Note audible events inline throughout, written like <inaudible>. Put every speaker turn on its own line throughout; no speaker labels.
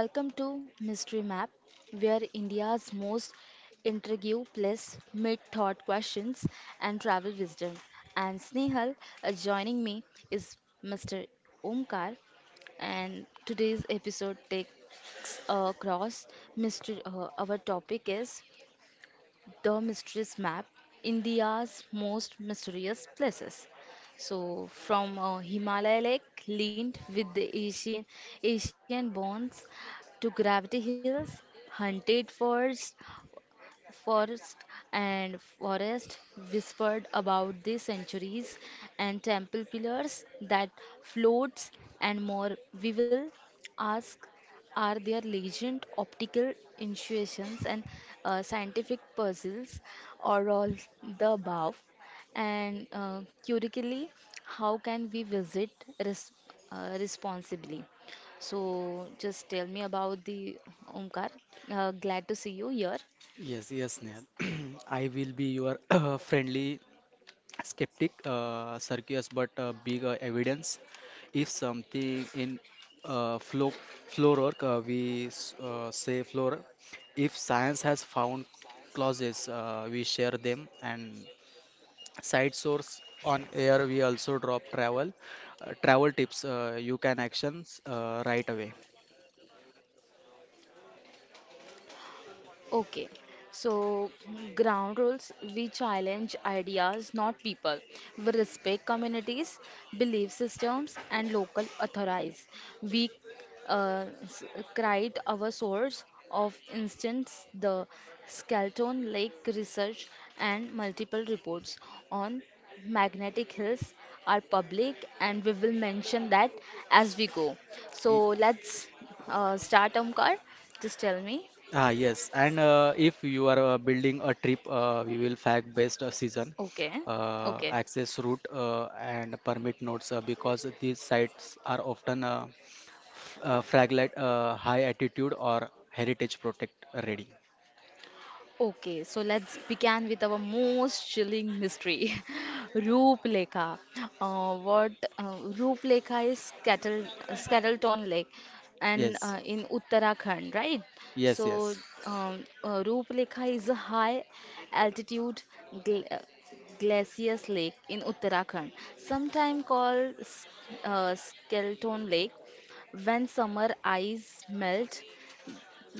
Welcome to Mystery Map, where India's most intriguing place meet thought questions and travel wisdom. And Snehal, joining me is Mr. Omkar, and today's episode takes across mystery. Our topic is the Mysteries Map, India's most mysterious places. So, from a Himalaya lake linked with the Asian bones to Gravity Hills, hunted for Forest forest whispered about the centuries and temple pillars that floats and more. We will ask, are there legend, optical intuitions and scientific puzzles or all the above? And curiously, how can we visit res responsibly? So just tell me about the Omkar. Glad to see you here.
Yes, Neil. <clears throat> I will be your <clears throat> friendly skeptic, circus, but big evidence. If something in uh, flow, floor work, say floor. If science has found clauses, we share them. And side source on air, we also drop travel tips. You can actions right away.
Okay, so ground rules, we challenge ideas, not people. We respect communities, belief systems, and local authorities. We uh, s- cite our source of instance, the Skeleton Lake research and multiple reports on magnetic hills are public and we will mention that as we go. So let's start Omkar. Just tell me.
Ah, yes, and If you are building a trip, we will fact based season,
Okay, okay,
access route, and permit notes because these sites are often f fragile, high altitude or heritage protect ready.
okay. So let's begin with our most chilling mystery, <laughs> Ruplekha. What Ruplekha is Kettle, Skettleton Lake, and
Yes,
in Uttarakhand, right?
yes,
So
yes,
Ruplekha is a high altitude gl glaciers lake in Uttarakhand, sometimes called Skeleton Lake. When summer ice melt,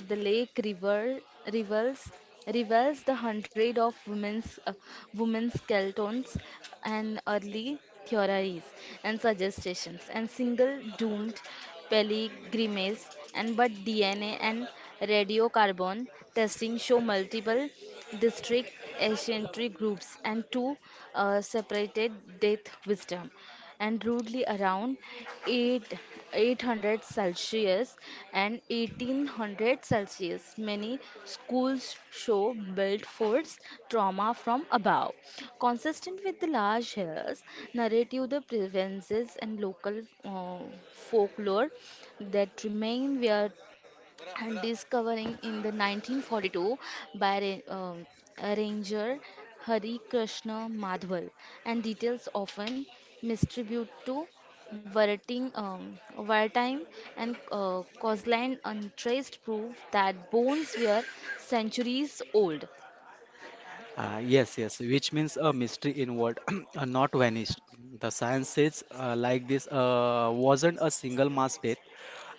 the lake river reveals reveals the hundred of women's skeletons and early theories and suggestions and single doomed pilgrimages and but DNA and radiocarbon testing show multiple district ancient groups and two separated death wisdom and rudely around 8, 800 Celsius and 1800 Celsius. Many schools show built forts trauma from above. Consistent with the large hills, narrative the provinces and local folklore that remain where and discovering in the 1942 by arranger Hari Krishna Madhwal and details often misattributed to wartime and coastline untraced prove that bones were centuries old.
yes, which means a mystery involved, <clears throat> not vanished. The science says like this wasn't a single mass death.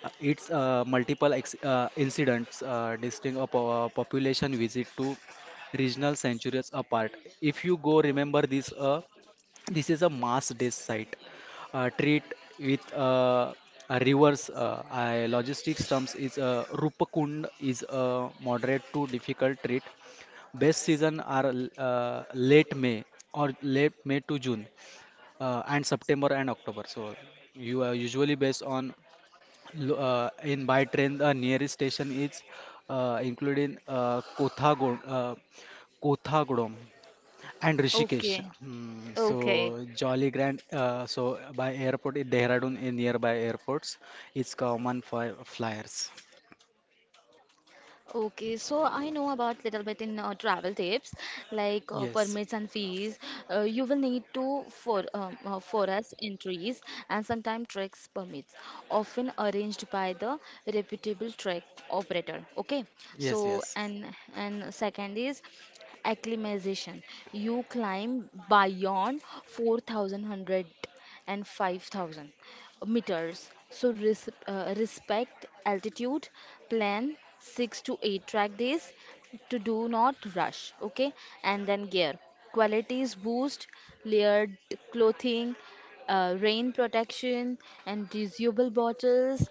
It's multiple ex incidents population visit to regional centuries apart. If you go, remember this. This is a mass day site. Treat with a reverse I logistics terms is Rupakund is moderate to difficult treat. Best season are late May to June and September and October. So you are usually based on in by train, the nearest station is including Kothagon, Kothagodam and Rishikesh.
Okay,
So
okay.
Jolly Grand. So by airport, in Dehradun in nearby airports, it's common for flyers.
Okay, so I know about little bit in travel tips like permits and
Yes,
fees. You will need to for forest entries and sometimes treks permits, often arranged by the reputable trek operator. Okay,
yes,
so
yes.
and second is acclimatization. You climb beyond 4,100 and 5,000 meters. So respect altitude, plan 6 to 8 track days to do not rush. Okay, and then gear qualities boost, layered clothing, rain protection, and reusable bottles,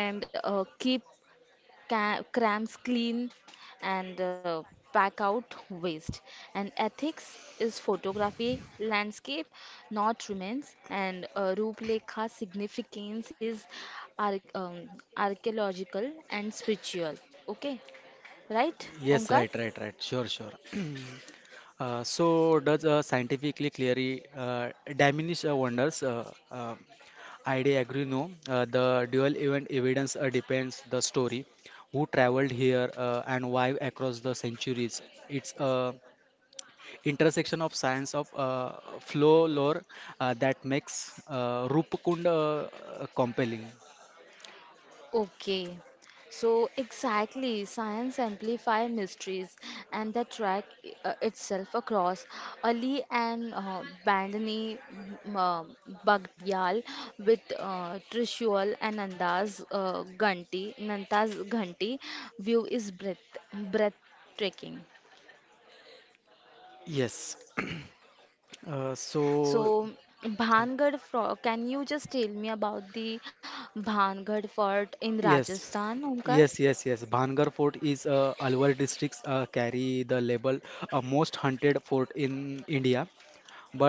and keep crams clean and pack out waste. And ethics is photography, landscape, not remains. And Ruplekha significance is ar- um, archaeological and spiritual. Okay, right,
Yes,
Omkar?
right, right, right. Sure, sure. <clears throat> Does scientifically clearly diminish wonders? I do agree. No, the dual event evidence depends the story, who traveled here and why across the centuries. It's a intersection of science of folklore that makes Rupkund compelling.
Okay, so exactly, science amplify mysteries and the track itself across Ali and Bandini m- um, Bagdial with Trishul and Nanda's Ghanti view is breathtaking.
Yes. <clears throat> Uh, so
So Bhangad, fort, can you just tell me about the Bhangad fort in
Yes,
Rajasthan, Omkar?
yes. Bhangar Fort is Alwar districts carry the label most hunted fort in India.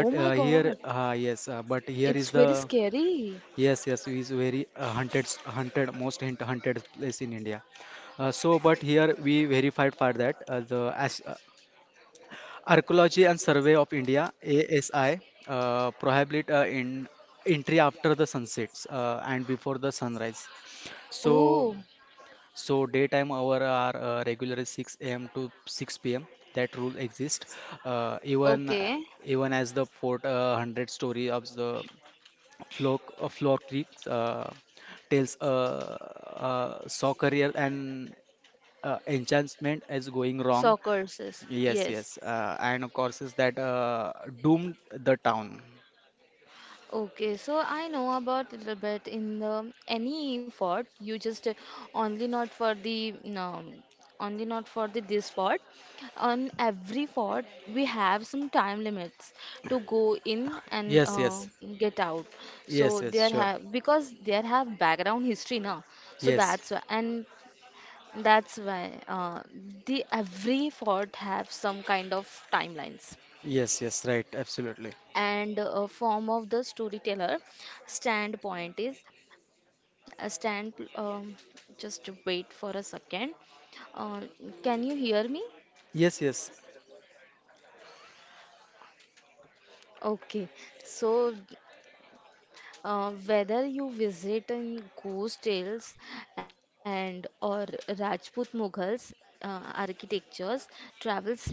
Oh my God.
yes, but here is
It's
the
very scary.
yes, is very most hunted place in India. So, but here we verified for that the Archaeology and Survey of India (ASI) prohibit in entry after the sunsets and before the sunrise. So
Oh,
so daytime hour are regularly 6 a.m. to 6 p.m. That rule exists. Uh, even
okay.
even as the fort hundred story of the Flock Creek tells a saw career and enchantment is going wrong.
Soccers, yes.
Yes, and of course is that doomed the town.
Okay, so I know about little bit in the any fort. You just only not for the no, only not for the this fort. On every fort, we have some time limits to go in and
Yes, yes,
get out. So
yes, yes,
there
sure.
have because there have background history now. So
Yes,
that's why the every fort have some kind of timelines
yes, yes, right, absolutely.
and a form of the storyteller standpoint is a stand just wait for a second uh, can you hear me
Yes, yes.
okay so whether you visit in ghost tales and or Rajput Mughals architectures, travel smart.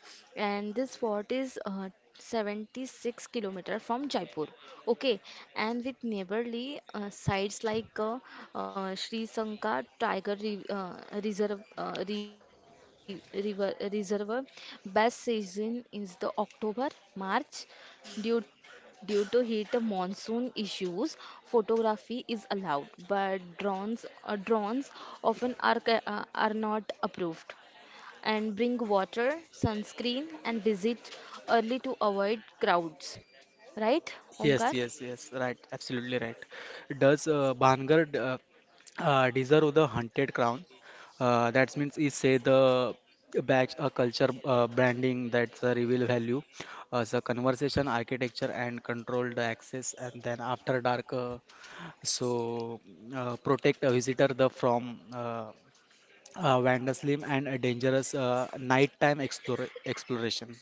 And this fort is 76-kilometer from Jaipur. Okay, and with neighborly sites like Sri Sanka Reserve River Reservoir. Best season is the October March due due to heat and monsoon issues, photography is allowed, but drones often are, are not approved. And bring water, sunscreen, and visit early to avoid crowds. Right, Omkar?
Yes. Right. Absolutely right. Does Bhangar deserve the hunted crown? That means he say the badge, a culture branding that's a reveal value, as a conversation architecture and control the access, and then after dark, so protect a visitor the from vandalism and a dangerous nighttime explore exploration.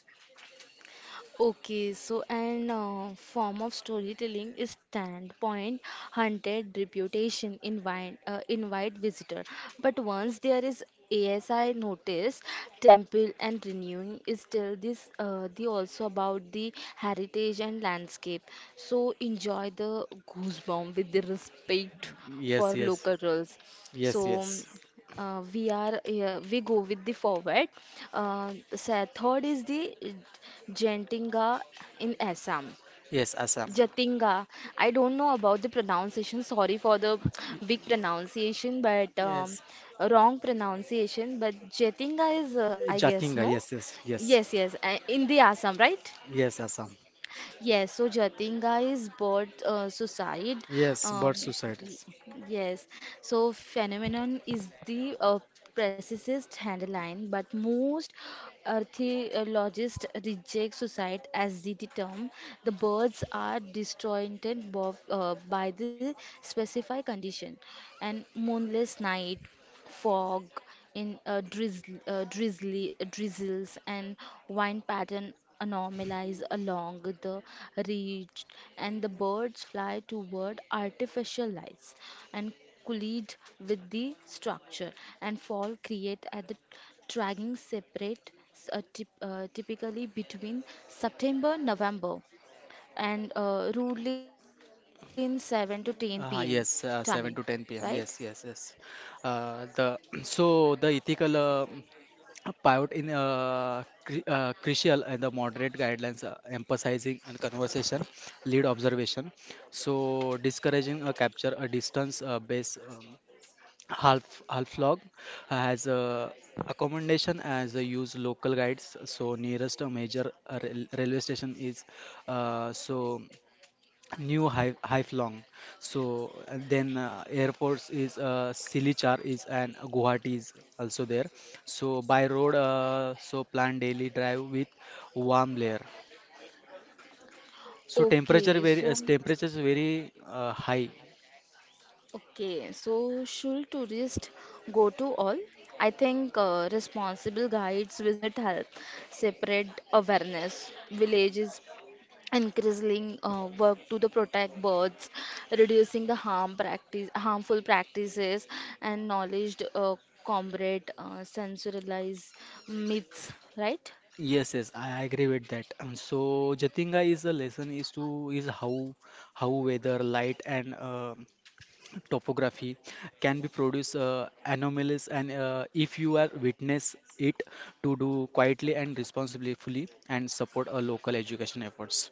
Okay, so an form of storytelling is standpoint, invite visitor. But once there is ASI notice, temple and renewing is still this the also about the heritage and landscape. So enjoy the goosebump with the respect for
Yes, yes,
local roles. So
yes, yes,
we go with the forward. Third is the Jatinga in Assam.
yes, Assam.
Jatinga. I don't know about the pronunciation. Sorry for the
Y-
weak pronunciation, but
Yes,
wrong pronunciation. But Jatinga is, I guess,
Jatinga,
no.
yes, yes, yes,
Yes, yes, in the Assam, right?
yes, Assam.
Yes, so Jatinga is bird suicide.
Yes, bird
Um,
suicides.
y- yes, so phenomenon is the precise headline, but most archaeologists reject suicide as the term. The birds are destroyed by the specified condition and moonless night fog in drizzl- drizzly drizzles and wind pattern anomalies along the ridge and the birds fly toward artificial lights and collide with the structure and fall create at the dragging separate typically between September November and rudely in 7 to 10 p.m. timing
Yes,
right
7 to 10 p.m. Yes, yes, yes. The <clears throat> So the ethical pivot in cri crucial and the moderate guidelines emphasizing and conversation lead observation. So discouraging a capture a distance base. Half Log has a accommodation as a use local guides. So nearest a major railway station is uh, so New Haiflong. So and then airports is Silichar is and Guwahati is also there. So by road, so plan daily drive with warm layer. So
okay so
temperatures very high.
okay, so should tourists go to all? I think responsible guides visit help, separate awareness, villages, increasing work to the protect birds, reducing the harmful practices, and knowledge combat sensationalize myths, right?
Yes, I agree with that. So Jatinga is a lesson is to is how weather, light and topography can be produced anomalies and if you are witness it to do quietly and responsibly fully and support a local education efforts.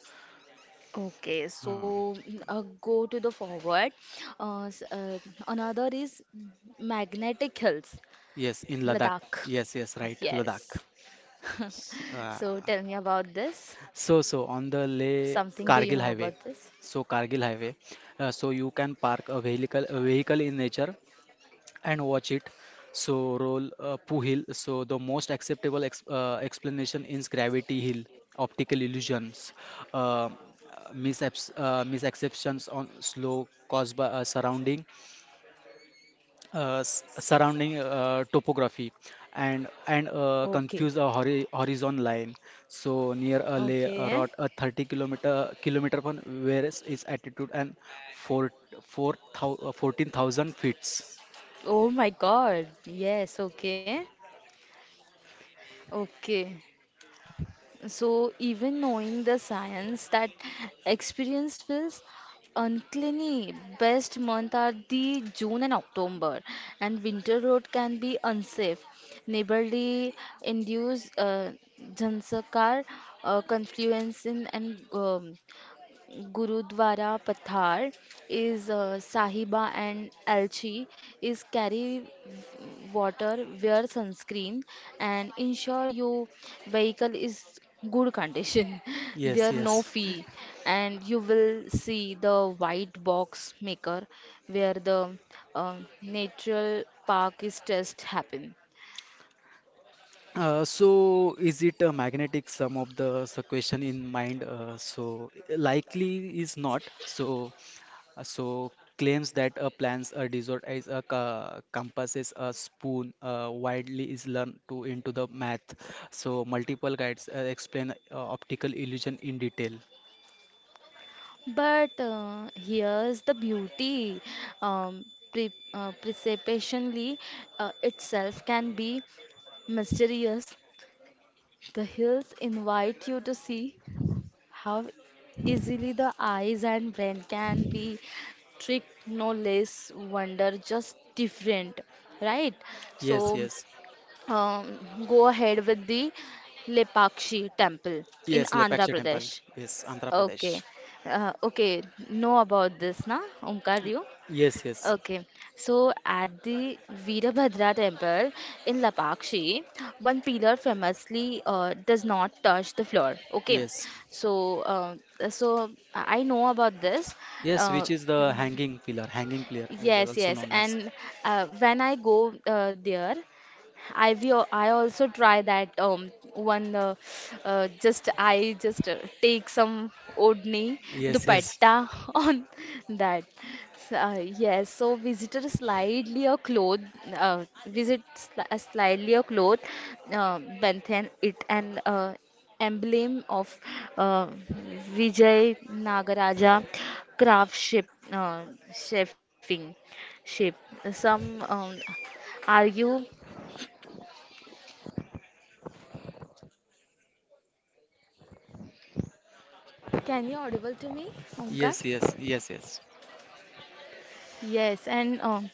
Okay, so
Uh,
go to the forward. Uh, s- uh, Another is magnetic hills.
yes, in Ladakh.
Ladakh.
Yes, right, Ladakh.
Yes. <laughs>
S- uh,
So tell me about this.
so
Something
so
do you
on
know
the
about
Leh
this?
Kargil highway. So Kargil highway. So you can park a vehicle in nature and watch it. So roll Puhil. So the most acceptable ex explanation is gravity hill, optical illusions, uh, misapps misacceptions on slow caused by surrounding topography and
Okay.
confuse a horizon line. So near a lay a
Okay.
rot a 30 kilometer from where is its altitude and four four thou 14,000 feet.
Oh my God. Yes. Okay. Okay. So, even knowing the science that experience feels uncleanly, best month are the June and October, and winter road can be unsafe. Neighborly induce Jansakar confluence in and Gurudwara Pathar is Sahiba and Alchi is carry water, wear sunscreen, and ensure your vehicle is good condition. <laughs>
Yes,
There are no
yes.
fee, and you will see the white box maker where the uh, natural park is test happen.
So is it a magnetic sum of the question in mind? So likely is not. So claims that a plants a dessert is a compasses a spoon widely is learned to into the math. So multiple guides explain optical illusion in detail.
But here's the beauty. Um, Precipitationally itself can be mysterious. The hills invite you to see how easily the eyes and brain can be tricked, no less wonder, just different, right?
Yes,
So
yes,
um, go ahead with the Lepakshi temple in
yes.
Andhra
Lepaksha Temple.
Pradesh.
Yes, Andhra
Okay.
Pradesh.
Okay. Know about this, na? Omkar, you?
Yes, yes,
Okay. So at the Virabhadra temple in Lapakshi, one pillar famously does not touch the floor. Okay.
yes,
So so I know about this.
yes.
Uh,
Which is the hanging pillar? Hanging pillar is
yes,
also
yes.
known as.
And when I go there, I also try that one just I just take some odni
Yes, yes.
dupatta <laughs> on that. So, yes, so visitor slightly a cloth visit sli- slightly a cloth Banthan it an emblem of uh, Vijay Nagaraja craftsmanship shaping shape. Some argue can you audible to me, Omkar?
Yes.
Yes, and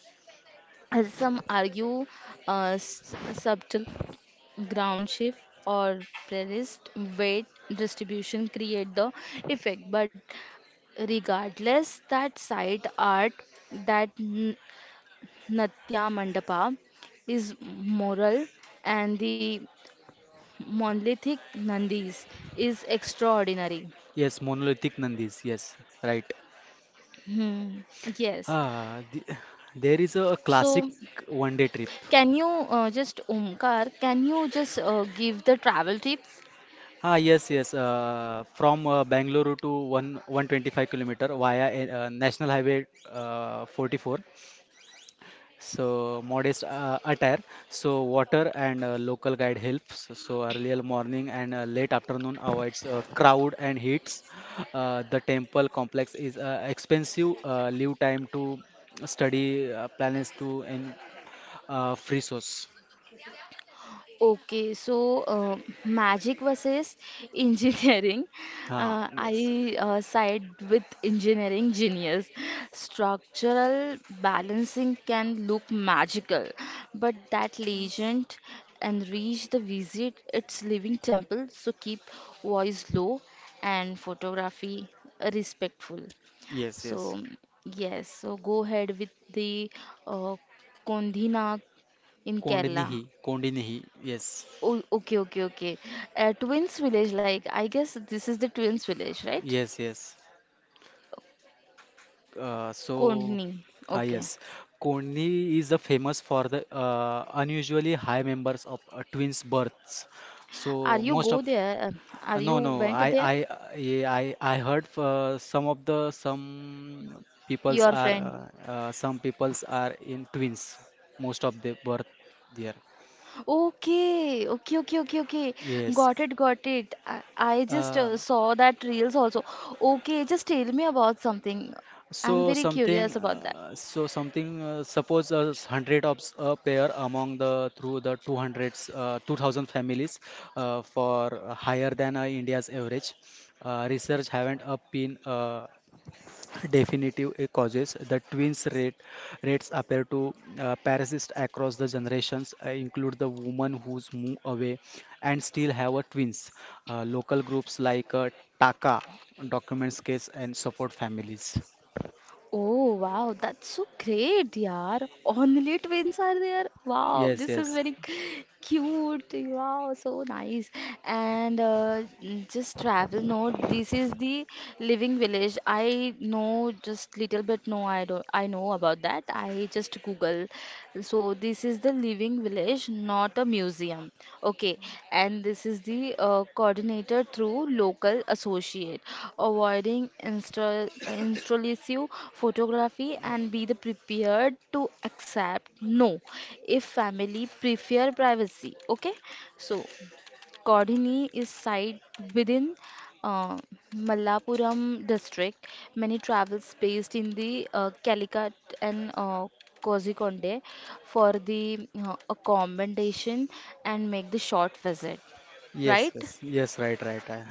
as some argue, subtle ground shift or balanced weight distribution create the effect. But regardless, that side art, that n- Natya Mandapa, is moral, and the monolithic Nandis is extraordinary.
Yes, monolithic Nandis. Yes, right.
Hmm, yes.
Ah, the, there is a classic
So.
one-day trip.
Can you just Omkar, can you just give the travel tips?
Yes. From Bangalore to one 125-kilometer via National Highway 44. So modest attire. So water and local guide helps. So earlier morning and late afternoon avoids crowd and heats. The temple complex is expensive. Leave time to study planets to and free source.
Okay, so magic versus <laughs> engineering.
Ah yes,
I side with engineering genius. Structural balancing can look magical, but that legend and reach the visit its living temple. So keep voice low and photography respectful.
yes, yes.
So, yes, so go ahead with the uh, Kondhina in Kerala.
Kondinihi. Yes,
Oh, okay, okay, okay. Twins Village, like, I guess this is the Twins Village, right?
yes, yes. Uh, so,
Kondhini,
ah,
okay.
yes, Koni is famous for the unusually high members of twins births.
Are
So
you
most
go
of
there? Are
no
you
no
went
I
there?
I heard some of the
Your friend.
some peoples are in twins most of the birth there.
Okay, okay, okay, okay, okay.
Yes.
Got it, got it. I just
Um,
saw that reels also. Okay, just tell me about something. I'm
so
very curious
something,
about that.
suppose a s- hundred of s- a pair among the through the two hundreds, 2,000 families, for higher than India's average. Research haven't up been definitive causes. The twins rates appear to persist across the generations. Include the woman who's moved away and still have a twins. Local groups like Taka documents case and support families.
Oh wow, that's so great, yaar. Only twins are there. Wow,
Yes,
this is
yes,
very cute. Wow, so nice. And just travel note, this is the living village. I know just little bit. No, I don't. I know about that. I just Google, so this is the living village, not a museum. Okay, and this is the coordinator through local associate, avoiding insta <coughs> intrusive photography and be the prepared to accept no if family prefer privacy. Okay, so Kodini is site within uh, Malappuram district. Many travels based in the Calicut and Kozhikonde for the accommodation and make the short visit,
yes,
right?
yes, yes, right, right.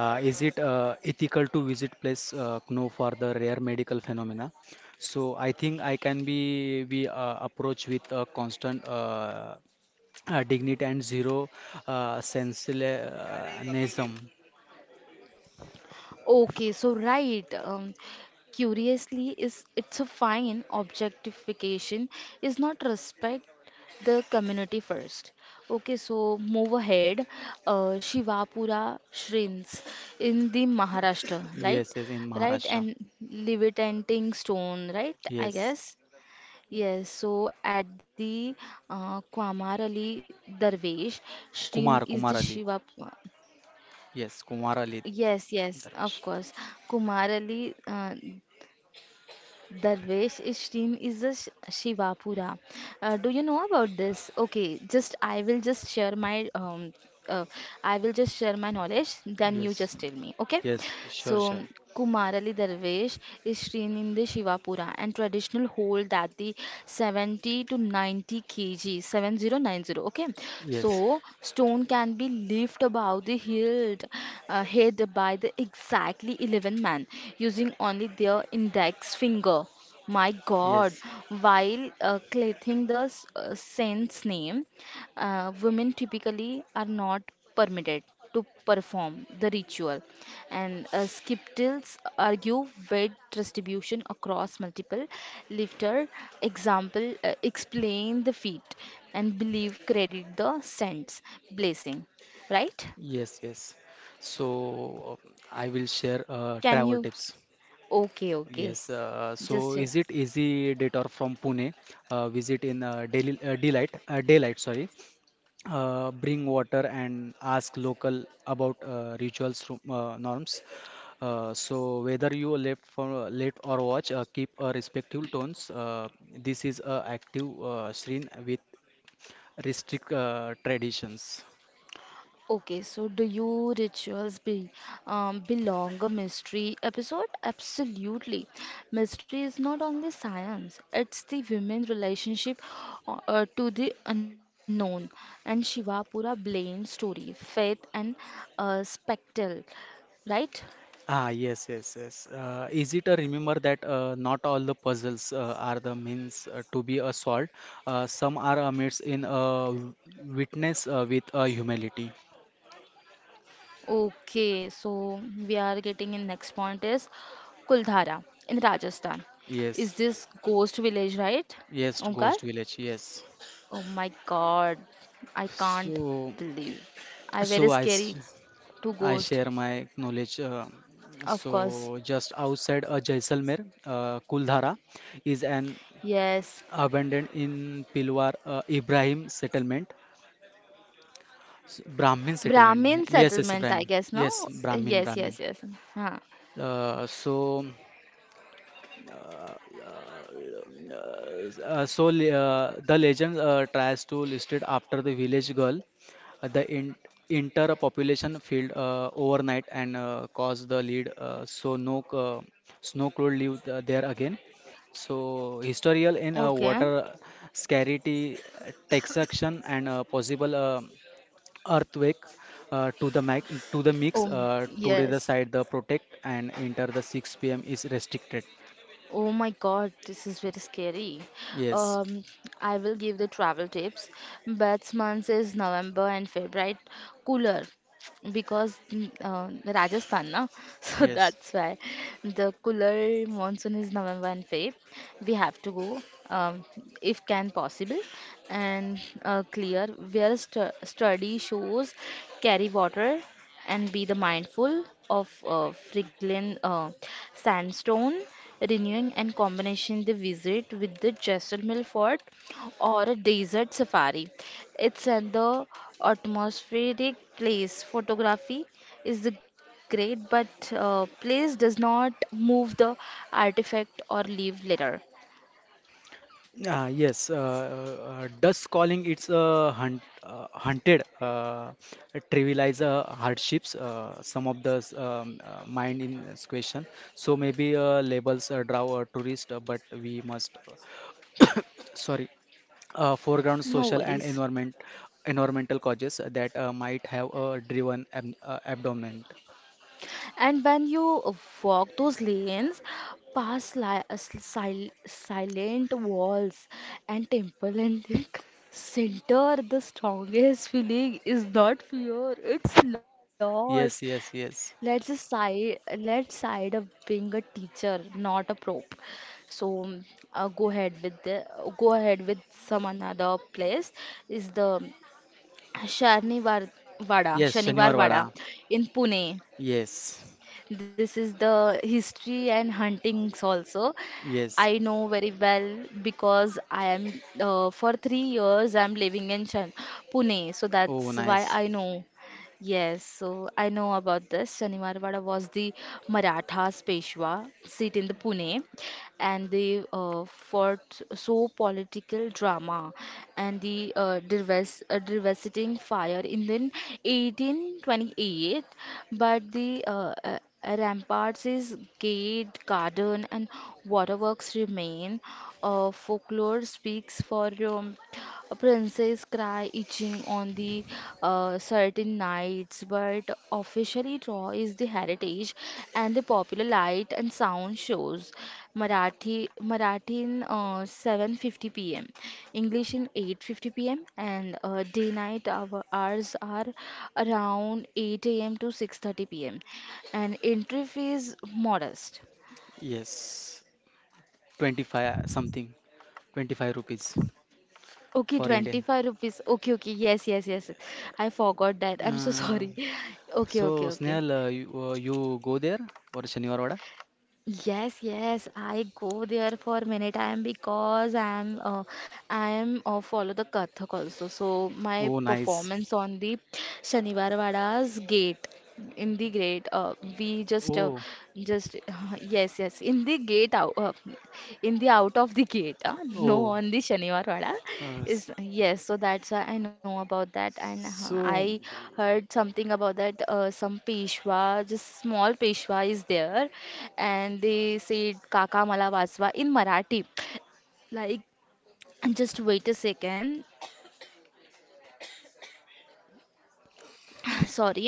Is it ethical to visit place no for the rare medical phenomena? So I think I can be approach with a constant dignity and zero sensationalism.
Okay, so right. Curiously is it's a fine objectification is not respect the community first. Okay, so move ahead. Shivapura shrines in the Maharashtra, right?
Yes, in
Right,
Maharashtra.
and levitating stone, right? I
Yes,
guess. Yes, so at the Kwamarali Darvesh, Shrine
Kumar,
is the
Kumar Ali.
Shiva.
Yes, Kumar Ali
Yes, yes, of
Darwish.
course. Kumarali Darvesh is stream is a Shivapura. Do you know about this? Okay, just I will just share my uh, I will just share my knowledge. Then you
Yes,
just tell me. Okay.
yes, sure,
So
sure.
Kumarali Darvesh is seen in the Shivapura and traditional hold that the 70 to 90 kilograms 7090, okay,
Yes,
so stone can be lifted about the hilt head by the exactly 11-man using only their index finger. My god.
yes.
While clothing the saint's name, women typically are not permitted to perform the ritual. And skeptics argue weight distribution across multiple lifter example explain the feat and believe credit the saints blessing, right?
Yes. So I will share
Can
travel
you?
tips.
Okay, okay.
Yes. So
Just
is it easy detour from Pune? Visit in daily daylight, Sorry. Bring water and ask local about norms. So whether you left for late or watch, keep a respective tones. This is a active shrine with restrict traditions.
okay, so do you rituals be belong a mystery episode? Absolutely. Mystery is not only science, it's the women relationship to the unknown and Shivapura Blaine story, faith and spectral, right?
Yes. Easy to remember that not all the puzzles are the means to be solved. Some are meets in witness with humility.
Okay, so we are getting in next point is Kuldhara in Rajasthan. Is
Yes,
this ghost village, right?
yes,
Omkar?
Ghost Village. Yes.
Oh my god, I can't
So,
believe. I
so
very
I, s-
scary two
I
ghost,
share my knowledge.
of course.
So just outside Jaisalmer, Kuldhara is an
Yes,
abandoned in Pilwar Brahmin settlement.
Brahmin
Yes, yes,
settlement, I
Brahmin.
guess.
Yes,
No,
Brahmin,
yes,
Brahmin.
yes, yes. Huh.
Uh, so, the legend tries to list it after the village girl. The in inter-population failed overnight and caused the lead, so no snow could live there again. So, historical in
Okay.
water scarcity, taxation, and possible. Earthquake uh, to the mic to the
Oh,
mix today
yes.
the side the protect and enter the 6 p.m. is restricted.
Oh my God, this is very scary.
yes
Um, I will give the travel tips. Best months is November and February. Cooler because Rajasthan, na? <laughs> So
yes
that's why the cooler monsoon is November and Feb. We have to go um, if can possible and clear. Wear sturdy shoes, carry water and be the mindful of Friglin sandstone renewing and combination the visit with the Jaisalmer fort or a desert safari. It's at the atmospheric place. Photography is the great, but place does not move the artifact or leave litter.
Yes, Dust calling it's a hunted, trivialize hardships. Some of the s- Mind in this question. So maybe labels draw a tourist, but we must, <coughs> sorry, foreground
No
social and
worries.
environmental causes that might have driven ab abdomen.
And when you walk those lanes, past silent walls and temple and like, <laughs> center, the strongest feeling is not fear, it's loss.
Yes, yes,
Let's
yes,
just side, let's side of being a teacher, not a prop. So uh, go ahead with the go ahead with some another place is the Shanivar Vada,
yes.
Shanivar
Shaniwar
Vada
Wada.
in Pune.
Yes,
This is the history and huntings also.
yes.
I know very well because I am for 3 years I'm living in Shan Pune, so
Oh,
that's why
nice.
I know. Yes, so I know about this. Shanimarwada was the Marathas Peshwa seat in the Pune and they fought so political drama and the devastating fire in the 1828, but the ramparts is gate garden and waterworks remain. Folklore speaks for a princess cry itching on the certain nights, but officially Raw is the heritage and the popular light and sound shows. Marathi in 7:50 p.m., English in 8:50 p.m., and day night our hours are around 8 a.m. to 6:30 p.m. And entry fee is modest.
Yes. 25 uh, something 25 rupees
Okay,
for Indian
25 rupees. Okay, okay. Yes, yes, yes. I forgot that. I'm so
uh,
sorry. <laughs> Okay, okay, okay.
You go there for Shaniwar Vada.
Yes, yes. I go there for many time because I am follow the Kathak also. So my
Oh nice
performance on the Shaniwar Wada's gate in the gate we just
oh
just <laughs> yes yes in the gate out in the out of the gate <laughs> no
oh
on the shaniwar wada is
s-
yes so that's why I know about that and I
so
heard something about that some peshwa just small peshwa is there and they said kaka mala vasva in marathi like just wait a second <laughs> <coughs> sorry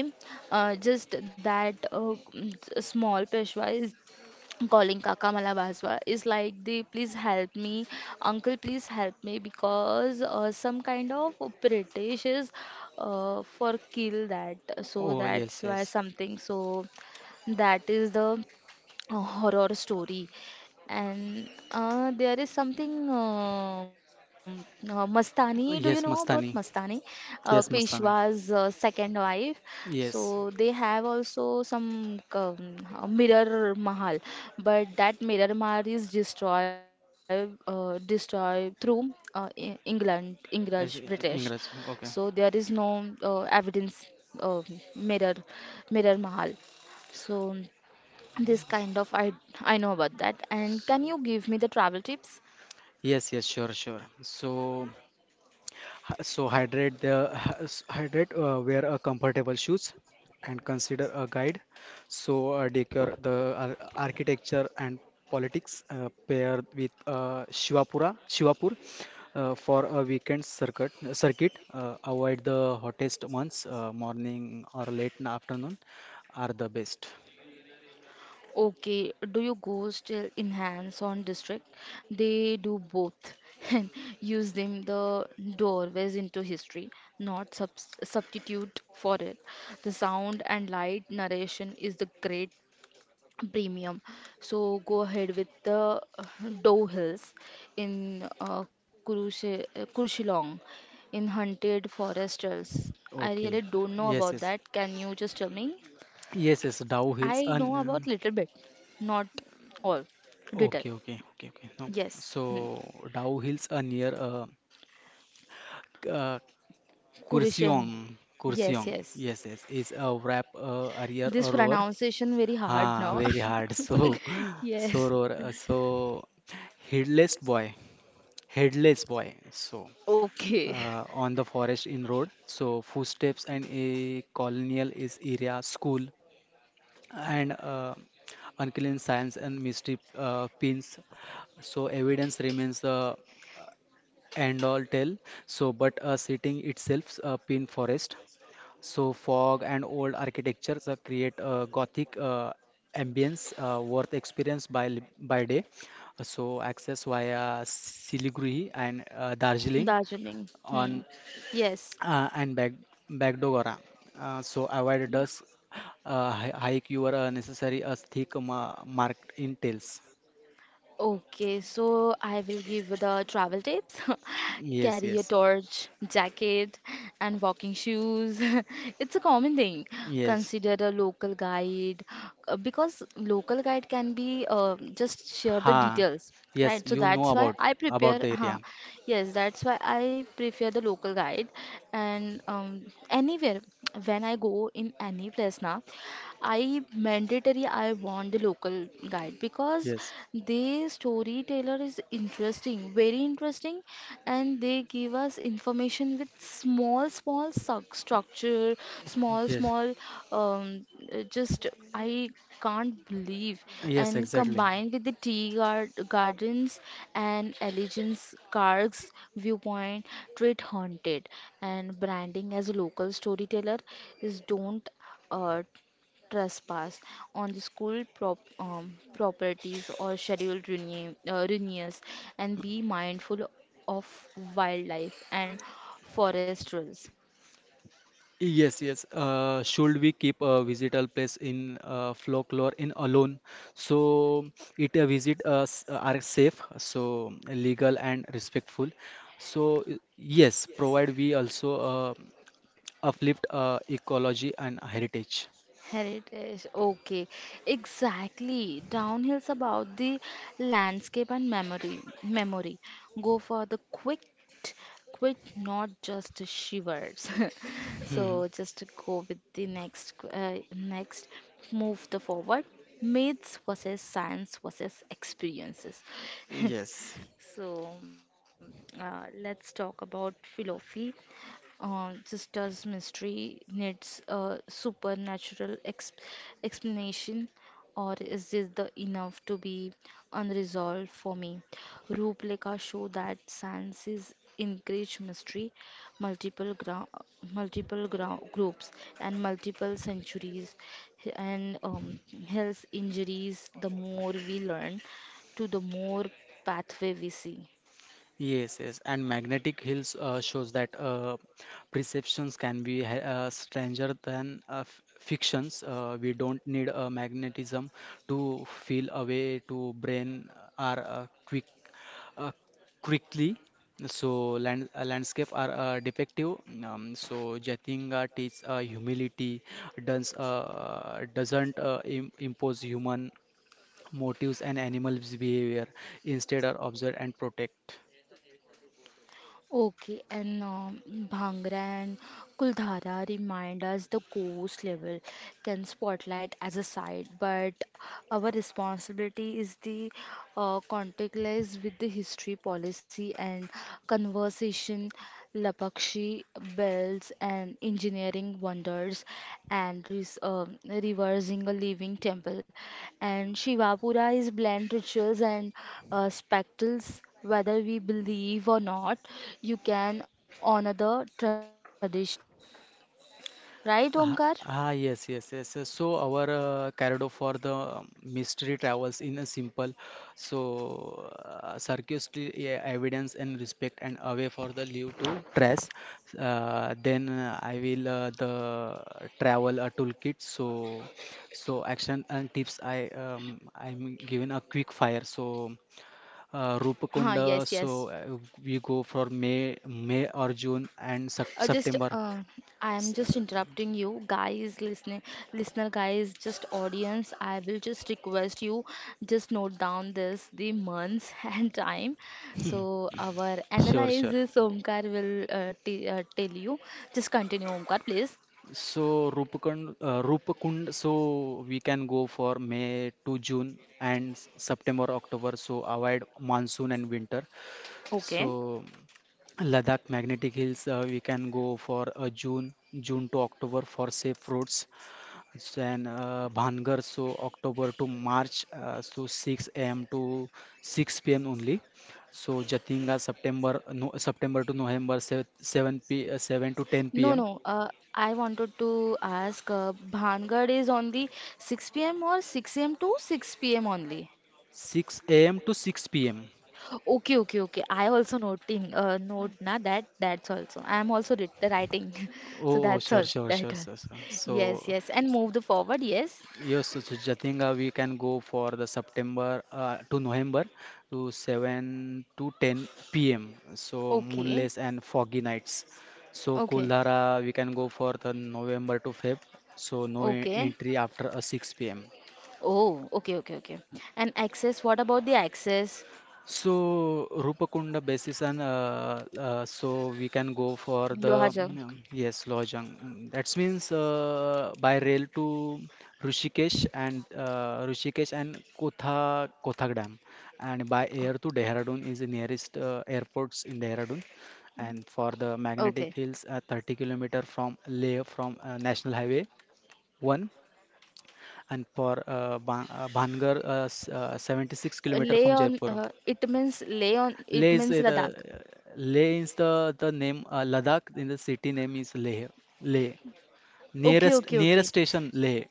just that small peshwa is calling Kaka Malabaswa is like the please help me, uncle please help me because some kind of British is for kill that so
oh yes
that's why
yes
something so that is the a horror story and there is something Mastani, do you know
Uh,
about
yes
Mastani?
Mastani. Yes,
Peshwa's
Mastani.
second wife, so
yes
they have also some mirror mahal, but that mirror mahal is destroyed, through England English
yes,
British,
English.
so
okay
there is no evidence uh, mirror mirror mahal. So this kind of I know about that. And can you give me the travel tips?
yes yes sure sure so Hy- So hydrate the <laughs> hydrate, wear a comfortable shoes and consider a guide. So decor the architecture and politics paired with Shivapur for a weekend circuit. Avoid the hottest months, morning or late in afternoon are the best.
Okay, do you go still in hands-on district? They do both <laughs> and use them the doorways into history, not substitute for it. The sound and light narration is the great premium. So go ahead with the Doe Hills in Kurushilong in Hunted Foresters. I
Okay.
really don't know
Yes,
about
yes.
that. Can you just tell me?
Yes. Dow Hills
I know
and
about
uh,
little bit, not all. Detail.
okay, okay, okay, okay. No.
Yes. Hmm.
So Dow Hills are near uh,
Kurushang.
Kursiong,
Yes,
Kursiong.
yes.
Yes, yes, is a wrap a rear a
This
roar.
pronunciation very hard
Ah,
now.
very hard.
<laughs>
So, <laughs> so
Yes.
roar. So, headless boy, headless boy. So,
Okay.
on the forest in road. So, footsteps and a colonial is area school and unclean science and mystery pins. So, evidence remains the end all tell. So, but sitting itself, pin forest. So fog and old architectures create a Gothic ambience worth experience by by day. So access via Siliguri and Darjeeling
Darjeeling. Hmm.
on
Yes.
and Bagdogra. So avoid dusk hike your necessary as thick ma marked in tails.
Okay, so I will give the travel tips. <laughs>
Yes,
Carry a
yes,
torch, jacket, and walking shoes. <laughs> It's a common thing.
yes.
Consider a local guide because local guide can be just share the
Ha.
details,
Yes,
right? So
you know
that's why I
about
prepare.
the
Huh,
area.
yes, that's why I prefer the local guide. And anywhere when I go in any place now. I mandatory I want the local guide because
Yes,
the storyteller is interesting, very interesting, and they give us information with small, small structure, small,
yes,
small, um, just I can't believe
yes,
and
exactly.
combined with the gardens and allegiance cargs viewpoint treat haunted and branding as a local storyteller is don't uh, trespass on the school properties or scheduled renewals and be mindful of wildlife and forest rules.
Yes, yes. Should we keep a visitor place in folklore in alone? So it visit us are safe, so legal and respectful. So yes, provide we also uplift ecology and heritage.
Heritage, okay, exactly. Downhill's about the landscape and memory. Memory. Go for the quick, quick, not just shivers. <laughs>
Mhm.
So just to go with the next, next, move the forward. Myths versus science versus experiences.
Yes.
So let's talk about philosophy. Sister's mystery needs a supernatural ex explanation, or is this the enough to be unresolved for me? Rupleka show that sciences encourage mystery, multiple gra multiple gra groups, and multiple centuries, and health injuries. The more we learn, to the more pathway we see.
Yes, yes, and magnetic hills shows that perceptions can be stranger than fictions. We don't need magnetism to feel a way to brain are uh, quickly. So landscape are defective. So Jatinga teaches humility, doesn't impose human motives and animals behavior. Instead, are observe and protect.
Okay, and Bhangra and Kuldhara remind us the coast level can spotlight as a side, but our responsibility is the contactless with the history policy and conversation, Lapakshi bells and engineering wonders, and reversing a living temple, and Shivapura is bland rituals and spectacles whether we believe or not, you can honor the tradition. Right, Omkar?
Ah, ah, yes, yes, yes, yes. So our Cardo for the mystery travels in a simple, so circuitry, yeah, evidence and respect and away for the leave to trace. Then I will the travel a toolkit. So action and tips I'm given a quick fire. So
Huh, yes,
Rupakonda.
yes.
So we go for May or June and
Just
September.
I am
S-
just
uh,
interrupting you guys listening listener guys just audience I will just request you just note down this the months <laughs> and time so our
Sure, sure.
analysis Omkar will t tell you just continue Omkar please
So Rupkund, Rupkund, so we can go for May to June and September, October. So avoid monsoon and winter.
okay.
So Ladakh Magnetic Hills, we can go for June to October for safe roads. Then Bhangar, so October to March, so 6 a.m. to 6 p.m. only. So Jatinga, September, no, September to November, 7 to 10
No,
p.m.
no. I wanted to ask, Bhangad is on the 6 p.m. or 6 a.m. to 6 p.m. only.
6 a.m. to 6 p.m.
Okay, okay, okay. I also noting note na that that's also. I am also writing, <laughs> so
Oh, oh,
that's
sure,
all.
sure,
That
sure,
all.
sir, sir.
Yes,
So,
yes, and move the forward. Yes.
yes, so, so Jatinga, we can go for the September to November to 7 to 10 p.m. So,
Okay,
moonless and foggy nights. So,
okay,
Kuldhara, we can go for the November to Feb. So, no
okay.
entry after 6 p.m.
Oh, okay, okay, okay. And access. What about the access?
So Rupakunda basis and so we can go for
Loha
the
junk.
yes Lojang. That means by rail to Rishikesh and Kotha Kothak Dam, and by air to Dehradun is the nearest airports in Dehradun. And for the
Okay.
magnetic hills, 30 kilometers kilometer from Leh from National Highway 1, and for Ban Bhangar, 76 kilometers kilometer
Lay
from
on.
Jaipur.
It means lay on. It
Leh is
means Ladakh.
the Leh is the name Ladakh in the city name is Leh. Leh
Okay,
nearest
okay,
nearest
okay.
station Leh.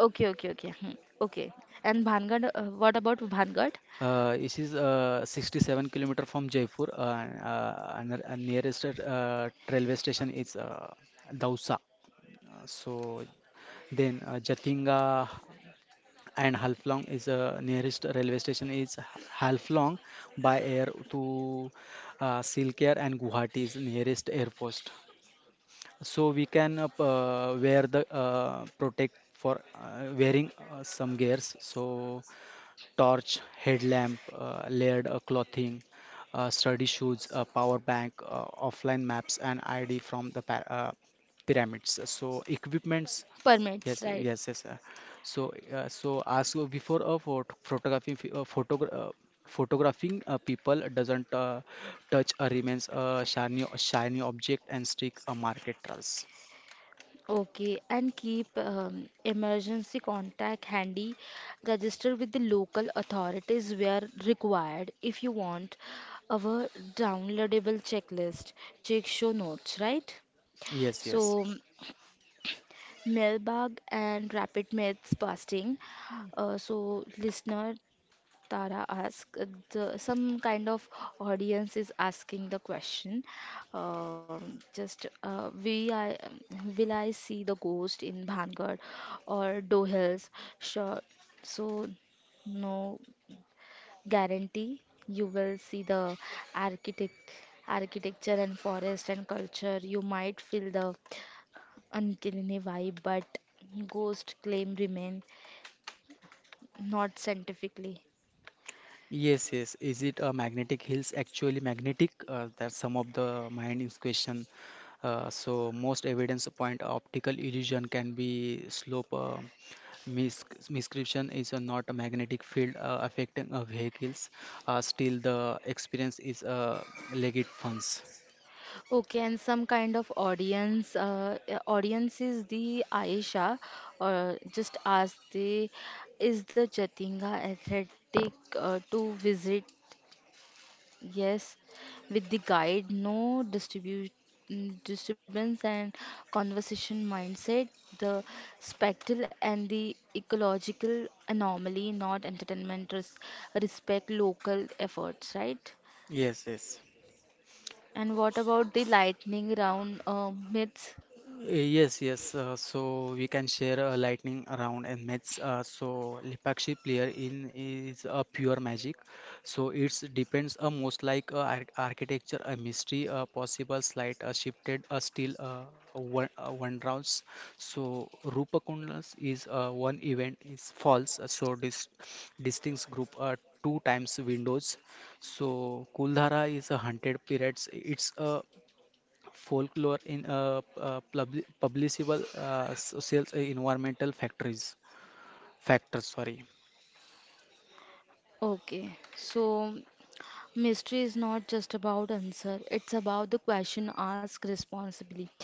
Okay, okay, okay. Hmm. Okay. And Bhangad, what about Bhangad?
It is 67 kilometers kilometer from Jaipur and the nearest railway station is Dausa. So then Jatinga and Halflong is nearest railway station is Halflong by air to Silchar and Guwahati is nearest air post. So we can wear the protect for wearing some gears so torch headlamp layered clothing sturdy shoes power bank offline maps and id from the pyramids so equipment. Yes,
Permits,
sir,
right?
yes, yes, sir. So, as before, photography, photographing people doesn't touch remains a shiny object and stick a market trust.
Okay. And keep emergency contact handy. Register with the local authorities where required. If you want our downloadable checklist, check show notes, right?
Yes, yes,
So, mailbag and rapid myths busting. So, listener Tara asked, the, some kind of audience is asking the question. Um just, uh, we I, will I see the ghost in Bhangad or Dohills? Sure. So, no guarantee you will see the architect, architecture and forest and culture. You might feel the uncanny vibe, but ghost claim remain not scientifically.
yes, yes. Is it a magnetic hills actually magnetic? That's some of the mind is question. So most evidence point optical illusion can be slope. Miscription is not a magnetic field affecting vehicles. Still, the experience is legit funds.
Okay, and some kind of audience. Audience is the Aisha, or just ask the is the Chatinga athletic to visit? Yes, with the guide, no disturbance and conversation mindset. The spectral and the ecological anomaly, not entertainment. Respect local efforts, right?
Yes, yes.
And what about the lightning round myths?
Yes, yes. So we can share a lightning around and match. So Lepakshi player in is a pure magic. So it's depends a most like a ar architecture, a mystery, a possible slight, a shifted, a still a one rounds. So Rupakundas is one event is false. So distinct group are two times windows. So Kuldhara is 100 periods. It's a folklore in publishable social environmental factories factors, sorry.
Okay, so mystery is not just about answer, it's about the question asked responsibly.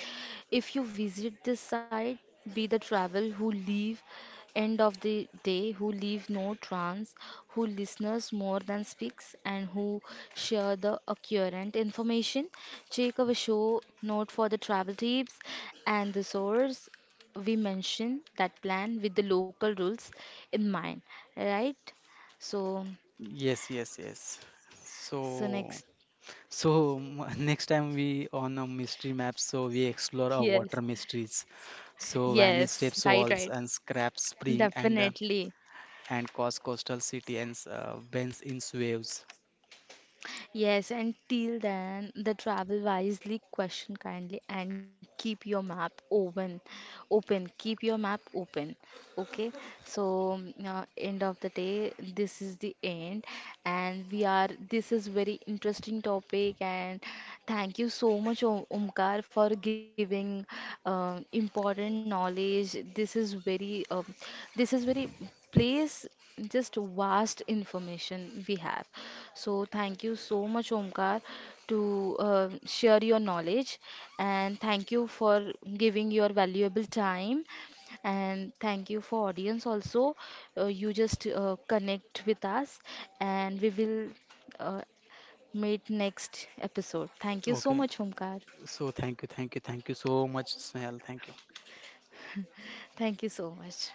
If you visit this site, be the travel who leave end of the day, who leave no trance, who listeners more than speaks, and who share the accurate information. Check our show note for the travel tips and the source. We mention that plan with the local rules in mind, right? So.
Yes, yes, yes, so
So next,
so <laughs> next time we on a mystery map so we explore our
yes,
water mysteries so vanish
yes,
steps
right,
walls
right,
and scrap spring
definitely.
and cause coastal city and bends in waves.
Yes, and till then, the travel wisely, question kindly, and keep your map open. Open, keep your map open. Okay, so end of the day, this is the end, and we are. This is very interesting topic, and thank you so much, Omkar, for giving important knowledge. This is very place just vast information we have so thank you so much omkar to share your knowledge and thank you for giving your valuable time and thank you for audience also you just connect with us and we will uh, meet next episode thank you so
Okay,
much omkar
so thank you, thank you, thank you so much, Snehal, thank you.
thank you so much